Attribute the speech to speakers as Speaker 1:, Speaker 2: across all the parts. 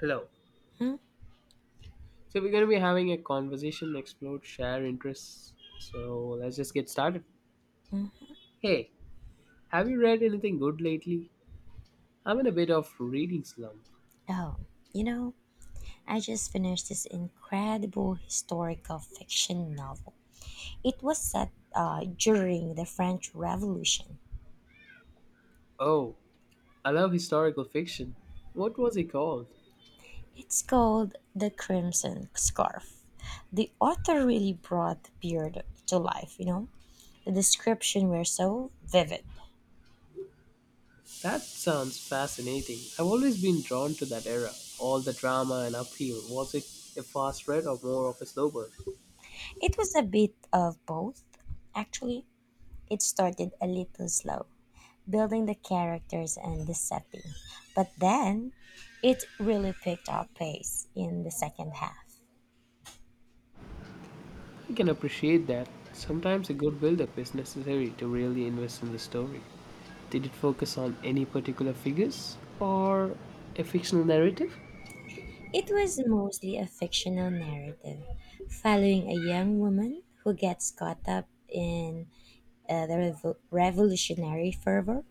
Speaker 1: Hello.
Speaker 2: Hmm?
Speaker 1: So we're going to be having a conversation, explore, share interests. So let's just get started. Hey, have you read anything good lately? I'm in a bit of reading slump.
Speaker 2: Oh, you know, I just finished this incredible historical fiction novel. It was set during the French Revolution.
Speaker 1: Oh, I love historical fiction. What was it called?
Speaker 2: It's called The Crimson Scarf. The author really brought the period to life. The description were so vivid.
Speaker 1: That sounds fascinating. I've always been drawn to that era. All the drama and upheaval. Was it a fast read or more of a slow burn?
Speaker 2: It was a bit of both, actually. It started a little slow, building the characters and the setting. But then it really picked up pace in the second half.
Speaker 1: I can appreciate that. Sometimes a good build-up is necessary to really invest in the story. Did it focus on any particular figures or a fictional narrative?
Speaker 2: It was mostly a fictional narrative following a young woman who gets caught up in the revolutionary fervor,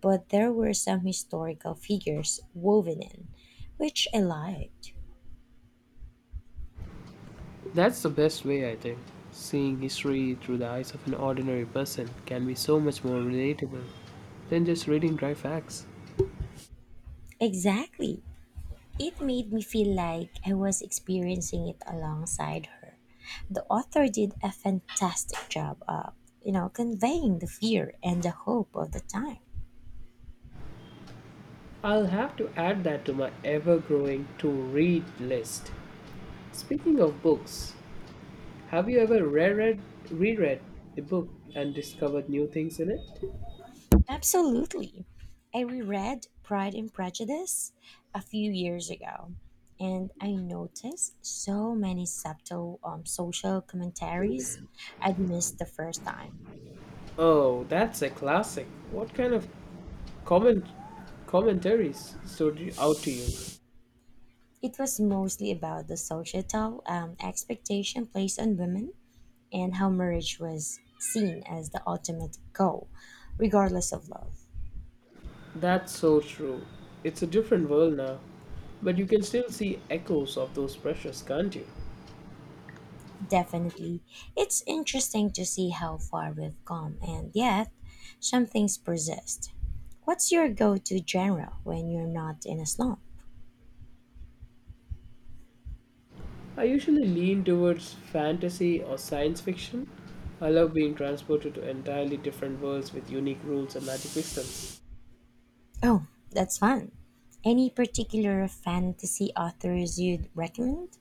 Speaker 2: but there were some historical figures woven in, which I liked.
Speaker 1: That's the best way, I think. Seeing history through the eyes of an ordinary person can be so much more relatable than just reading dry facts.
Speaker 2: Exactly. It made me feel like I was experiencing it alongside her. The author did a fantastic job of conveying the fear and the hope of the time.
Speaker 1: I'll have to add that to my ever growing to read list. Speaking of books, have you ever reread a book and discovered new things in it?
Speaker 2: Absolutely. I reread Pride and Prejudice a few years ago, and I noticed so many subtle social commentaries I'd missed the first time.
Speaker 1: Oh, that's a classic. What kind of comment, commentaries stood out to you?
Speaker 2: It was mostly about the societal expectation placed on women and how marriage was seen as the ultimate goal, regardless of love.
Speaker 1: That's so true. It's a different world now, but you can still see echoes of those pressures, can't you?
Speaker 2: Definitely, it's interesting to see how far we've come, and yet, some things persist. What's your go to genre when you're not in a slump?
Speaker 1: I usually lean towards fantasy or science fiction. I love being transported to entirely different worlds with unique rules and magic systems.
Speaker 2: Oh, that's fun. Any particular fantasy authors you'd recommend?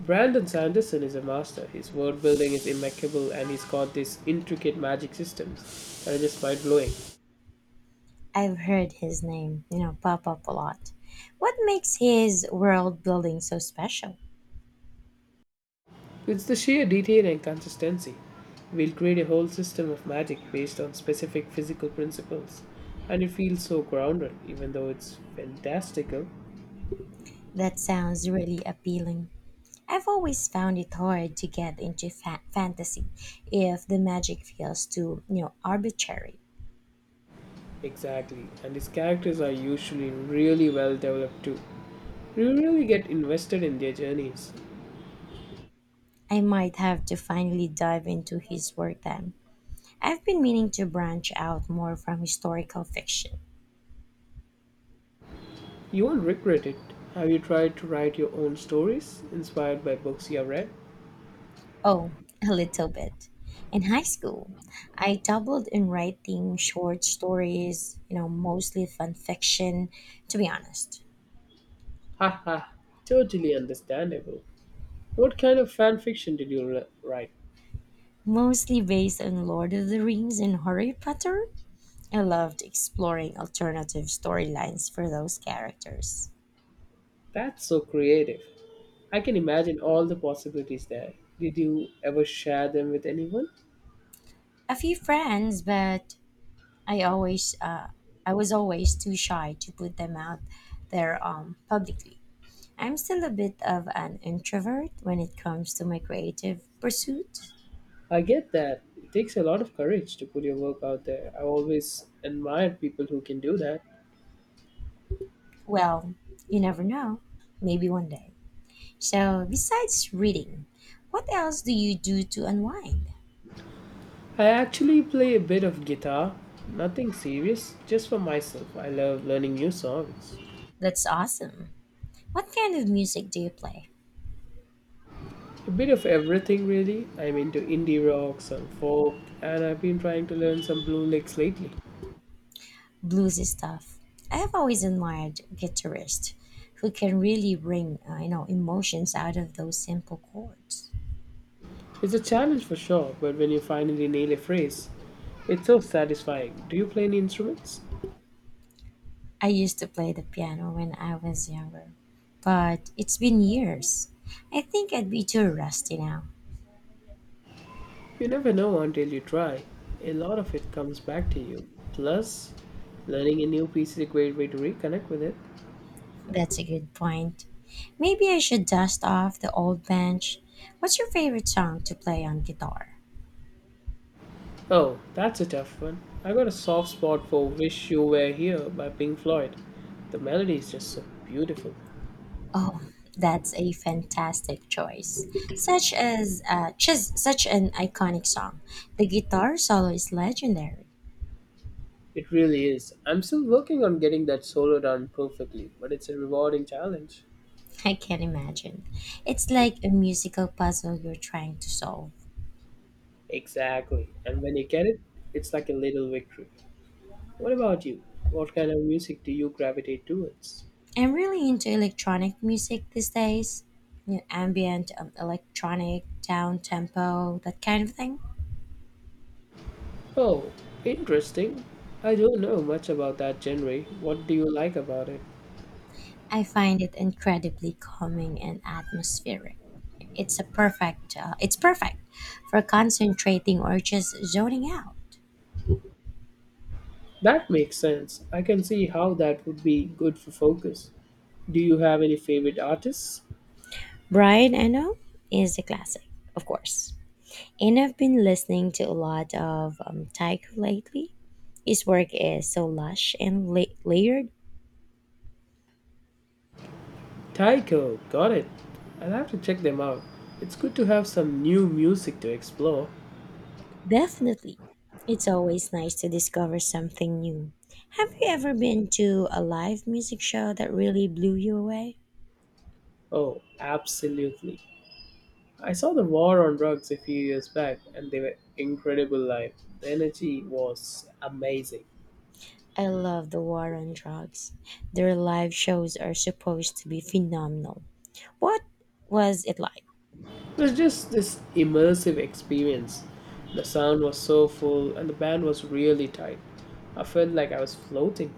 Speaker 1: Brandon Sanderson is a master. His world building is impeccable and he's got these intricate magic systems that are just mind blowing.
Speaker 2: I've heard his name pop up a lot. What makes his world building so special?
Speaker 1: It's the sheer detail and consistency. We'll create a whole system of magic based on specific physical principles. And it feels so grounded, even though it's fantastical.
Speaker 2: That sounds really appealing. I've always found it hard to get into fantasy if the magic feels too arbitrary.
Speaker 1: Exactly. And his characters are usually really well developed too. You really get invested in their journeys.
Speaker 2: I might have to finally dive into his work then. I've been meaning to branch out more from historical fiction.
Speaker 1: You won't regret it. Have you tried to write your own stories inspired by books you have read?
Speaker 2: Oh, a little bit. In high school, I dabbled in writing short stories, mostly fan fiction, to be honest.
Speaker 1: Haha, totally understandable. What kind of fan fiction did write?
Speaker 2: Mostly based on Lord of the Rings and Harry Potter. I loved exploring alternative storylines for those characters.
Speaker 1: That's so creative. I can imagine all the possibilities there. Did you ever share them with anyone?
Speaker 2: A few friends, but I always uh, I was always too shy to put them out there publicly. I'm still a bit of an introvert when it comes to my creative pursuit.
Speaker 1: I get that. It takes a lot of courage to put your work out there. I always admired people who can do that.
Speaker 2: Well, you never know. Maybe one day. So, besides reading, what else do you do to unwind?
Speaker 1: I actually play a bit of guitar, nothing serious, just for myself. I love learning new songs.
Speaker 2: That's awesome. What kind of music do you play?
Speaker 1: A bit of everything, really. I'm into indie rock, some folk, and I've been trying to learn some blue licks lately.
Speaker 2: Blues stuff. I have always admired guitarists who can really bring emotions out of those simple chords.
Speaker 1: It's a challenge for sure, but when you finally nail a phrase, it's so satisfying. Do you play any instruments?
Speaker 2: I used to play the piano when I was younger, but it's been years. I think I'd be too rusty now.
Speaker 1: You never know until you try. A lot of it comes back to you. Plus, learning a new piece is a great way to reconnect with it.
Speaker 2: That's a good point. Maybe I should dust off the old bench. What's your favorite song to play on guitar?
Speaker 1: Oh, that's a tough one. I got a soft spot for Wish You Were Here by Pink Floyd. The melody is just so beautiful.
Speaker 2: Oh, that's a fantastic choice. Such as just such an iconic song. The guitar solo is legendary.
Speaker 1: It really is. I'm still working on getting that solo done perfectly, but it's a rewarding challenge.
Speaker 2: I can imagine. It's like a musical puzzle you're trying to solve.
Speaker 1: Exactly. And when you get it, it's like a little victory. What about you? What kind of music do you gravitate towards?
Speaker 2: I'm really into electronic music these days. You know, ambient, electronic, down tempo, that kind of thing.
Speaker 1: Oh, interesting. I don't know much about that genre. What do you like about it?
Speaker 2: I find it incredibly calming and atmospheric. It's perfect for concentrating or just zoning out.
Speaker 1: That makes sense. I can see how that would be good for focus. Do you have any favorite artists?
Speaker 2: Brian Eno is a classic, of course. And I've been listening to a lot of Taiko lately. His work is so lush and layered.
Speaker 1: Taiko, got it. I'll have to check them out. It's good to have some new music to explore.
Speaker 2: Definitely. It's always nice to discover something new. Have you ever been to a live music show that really blew you away?
Speaker 1: Oh, absolutely. I saw the War on Drugs a few years back and they were incredible live. The energy was amazing.
Speaker 2: I love the War on Drugs. Their live shows are supposed to be phenomenal. What was it like?
Speaker 1: It was just this immersive experience. The sound was so full and the band was really tight. I felt like I was floating.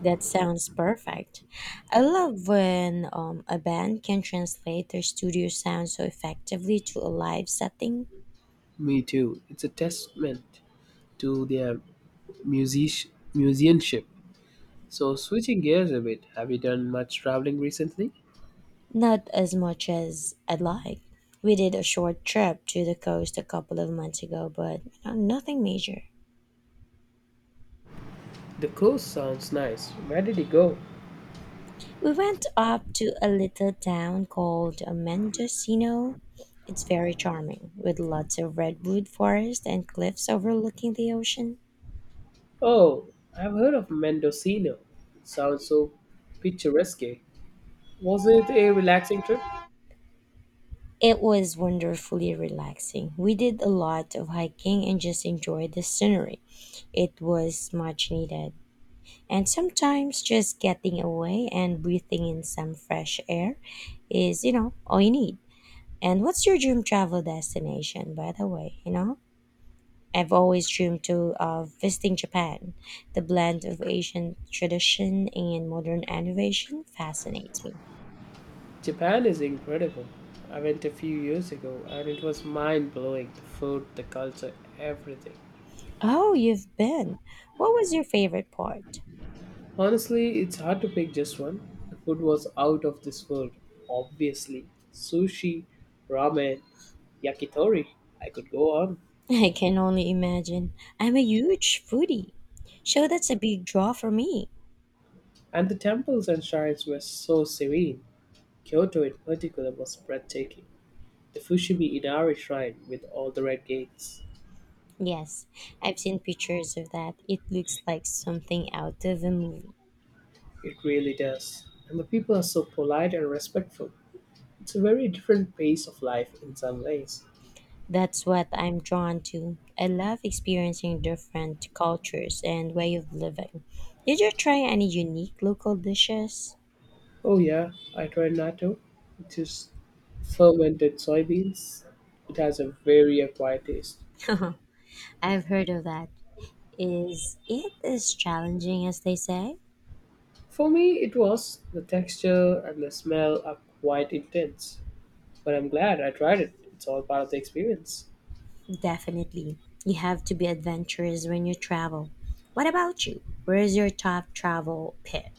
Speaker 2: That sounds perfect. I love when a band can translate their studio sound so effectively to a live setting.
Speaker 1: Me too. It's a testament to their musicianship. So, switching gears a bit, have you done much traveling recently?
Speaker 2: Not as much as I'd like. We did a short trip to the coast a couple of months ago, but nothing major.
Speaker 1: The coast sounds nice. Where did you go?
Speaker 2: We went up to a little town called Mendocino. It's very charming, with lots of redwood forest and cliffs overlooking the ocean.
Speaker 1: Oh, I've heard of Mendocino. It sounds so picturesque. Was it a relaxing trip?
Speaker 2: It was wonderfully relaxing. We did a lot of hiking and just enjoyed the scenery. It was much needed. And sometimes just getting away and breathing in some fresh air is all you need. And what's your dream travel destination, by the way? You know, I've always dreamed to of visiting Japan. The blend of Asian tradition and modern innovation fascinates me.
Speaker 1: Japan is incredible. I went a few years ago and it was mind blowing the food, the culture, everything.
Speaker 2: Oh, you've been. What was your favorite part?
Speaker 1: Honestly, it's hard to pick just one. The food was out of this world, obviously. Sushi, ramen, yakitori, I could go on.
Speaker 2: I can only imagine. I'm a huge foodie. So that's a big draw for me.
Speaker 1: And the temples and shrines were so serene. Kyoto, in particular, was breathtaking. The Fushimi Inari shrine with all the red gates.
Speaker 2: Yes, I've seen pictures of that. It looks like something out of a movie.
Speaker 1: It really does. And the people are so polite and respectful. It's a very different pace of life in some ways.
Speaker 2: That's what I'm drawn to. I love experiencing different cultures and way of living. Did you try any unique local dishes?
Speaker 1: Oh yeah, I tried natto, which is fermented soybeans. It has a very acquired taste.
Speaker 2: I've heard of that. Is it as challenging as they say?
Speaker 1: For me, it was the texture and the smell are quite intense, but I'm glad I tried it. It's all part of the experience.
Speaker 2: Definitely. You have to be adventurous when you travel. What about you? Where is your top travel pick?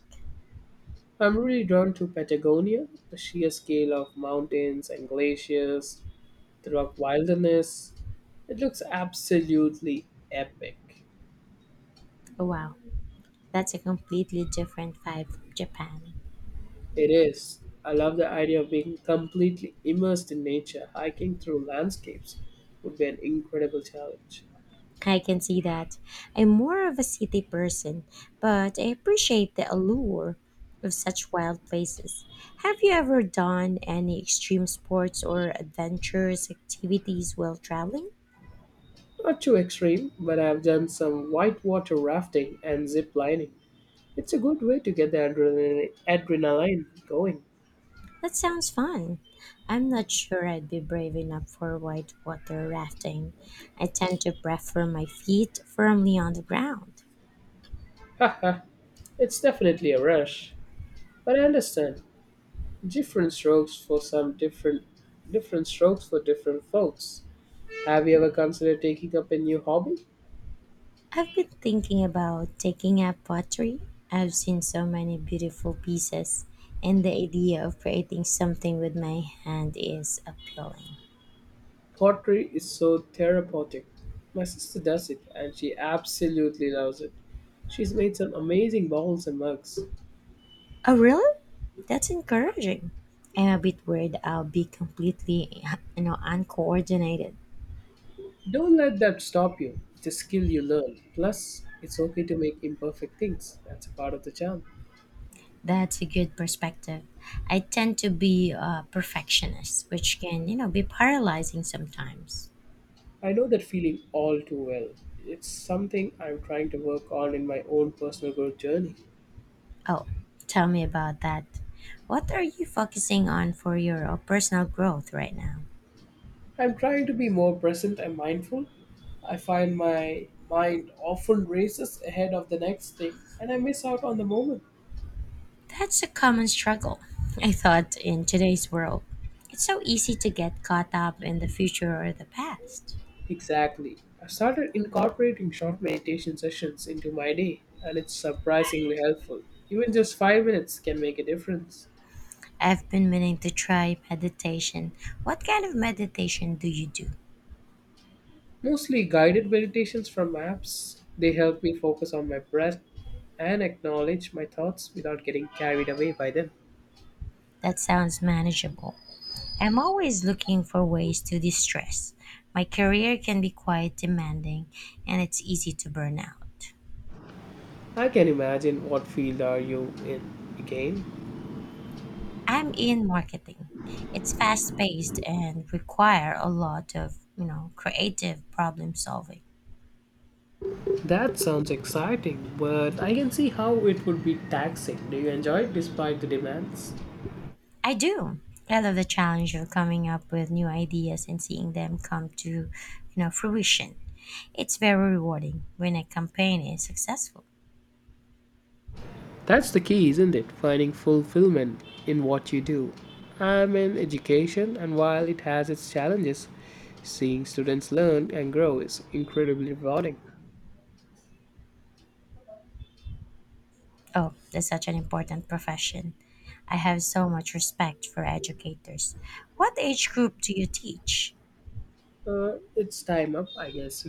Speaker 1: I'm really drawn to Patagonia, the sheer scale of mountains and glaciers, the rock wilderness. It looks absolutely epic.
Speaker 2: Oh, wow, that's a completely different vibe from Japan.
Speaker 1: It is. I love the idea of being completely immersed in nature. Hiking through landscapes would be an incredible challenge.
Speaker 2: I can see that. I'm more of a city person, but I appreciate the allure of such wild places. Have you ever done any extreme sports or adventurous activities while traveling?
Speaker 1: Not too extreme, but I've done some whitewater rafting and zip lining. It's a good way to get the adrenaline going.
Speaker 2: That sounds fun. I'm not sure I'd be brave enough for white water rafting. I tend to prefer my feet firmly on the ground.
Speaker 1: Haha, it's definitely a rush. But I understand. Different strokes for some different different strokes for different folks. Have you ever considered taking up a new hobby?
Speaker 2: I've been thinking about taking up pottery. I've seen so many beautiful pieces, and the idea of creating something with my hand is appealing.
Speaker 1: Pottery is so therapeutic. My sister does it and she absolutely loves it. She's made some amazing bowls and mugs.
Speaker 2: Oh, really? That's encouraging. I'm a bit worried I'll be completely, uncoordinated.
Speaker 1: Don't let that stop you. It's a skill you learn. Plus, it's okay to make imperfect things. That's a part of the charm.
Speaker 2: That's a good perspective. I tend to be a perfectionist, which can be paralyzing sometimes.
Speaker 1: I know that feeling all too well. It's something I'm trying to work on in my own personal growth journey.
Speaker 2: Oh, tell me about that. What are you focusing on for your personal growth right now?
Speaker 1: I'm trying to be more present and mindful. I find my mind often races ahead of the next thing and I miss out on the moment.
Speaker 2: That's a common struggle, I thought, in today's world. It's so easy to get caught up in the future or the past.
Speaker 1: Exactly. I started incorporating short meditation sessions into my day, and it's surprisingly helpful. Even just 5 minutes can make a difference.
Speaker 2: I've been meaning to try meditation. What kind of meditation do you do?
Speaker 1: Mostly guided meditations from apps, they help me focus on my breath and acknowledge my thoughts without getting carried away by them.
Speaker 2: That sounds manageable. I'm always looking for ways to de-stress. My career can be quite demanding and it's easy to burn out.
Speaker 1: I can imagine what field are you in again.
Speaker 2: I'm in marketing. It's fast paced and require a lot of creative problem solving.
Speaker 1: That sounds exciting, but I can see how it would be taxing. Do you enjoy it despite the demands?
Speaker 2: I do. I love the challenge of coming up with new ideas and seeing them come to fruition. It's very rewarding when a campaign is successful.
Speaker 1: That's the key, isn't it? Finding fulfillment in what you do. I'm in education, and while it has its challenges, seeing students learn and grow is incredibly rewarding.
Speaker 2: Oh, that's such an important profession. I have so much respect for educators. What age group do you teach?
Speaker 1: It's time up, I guess. We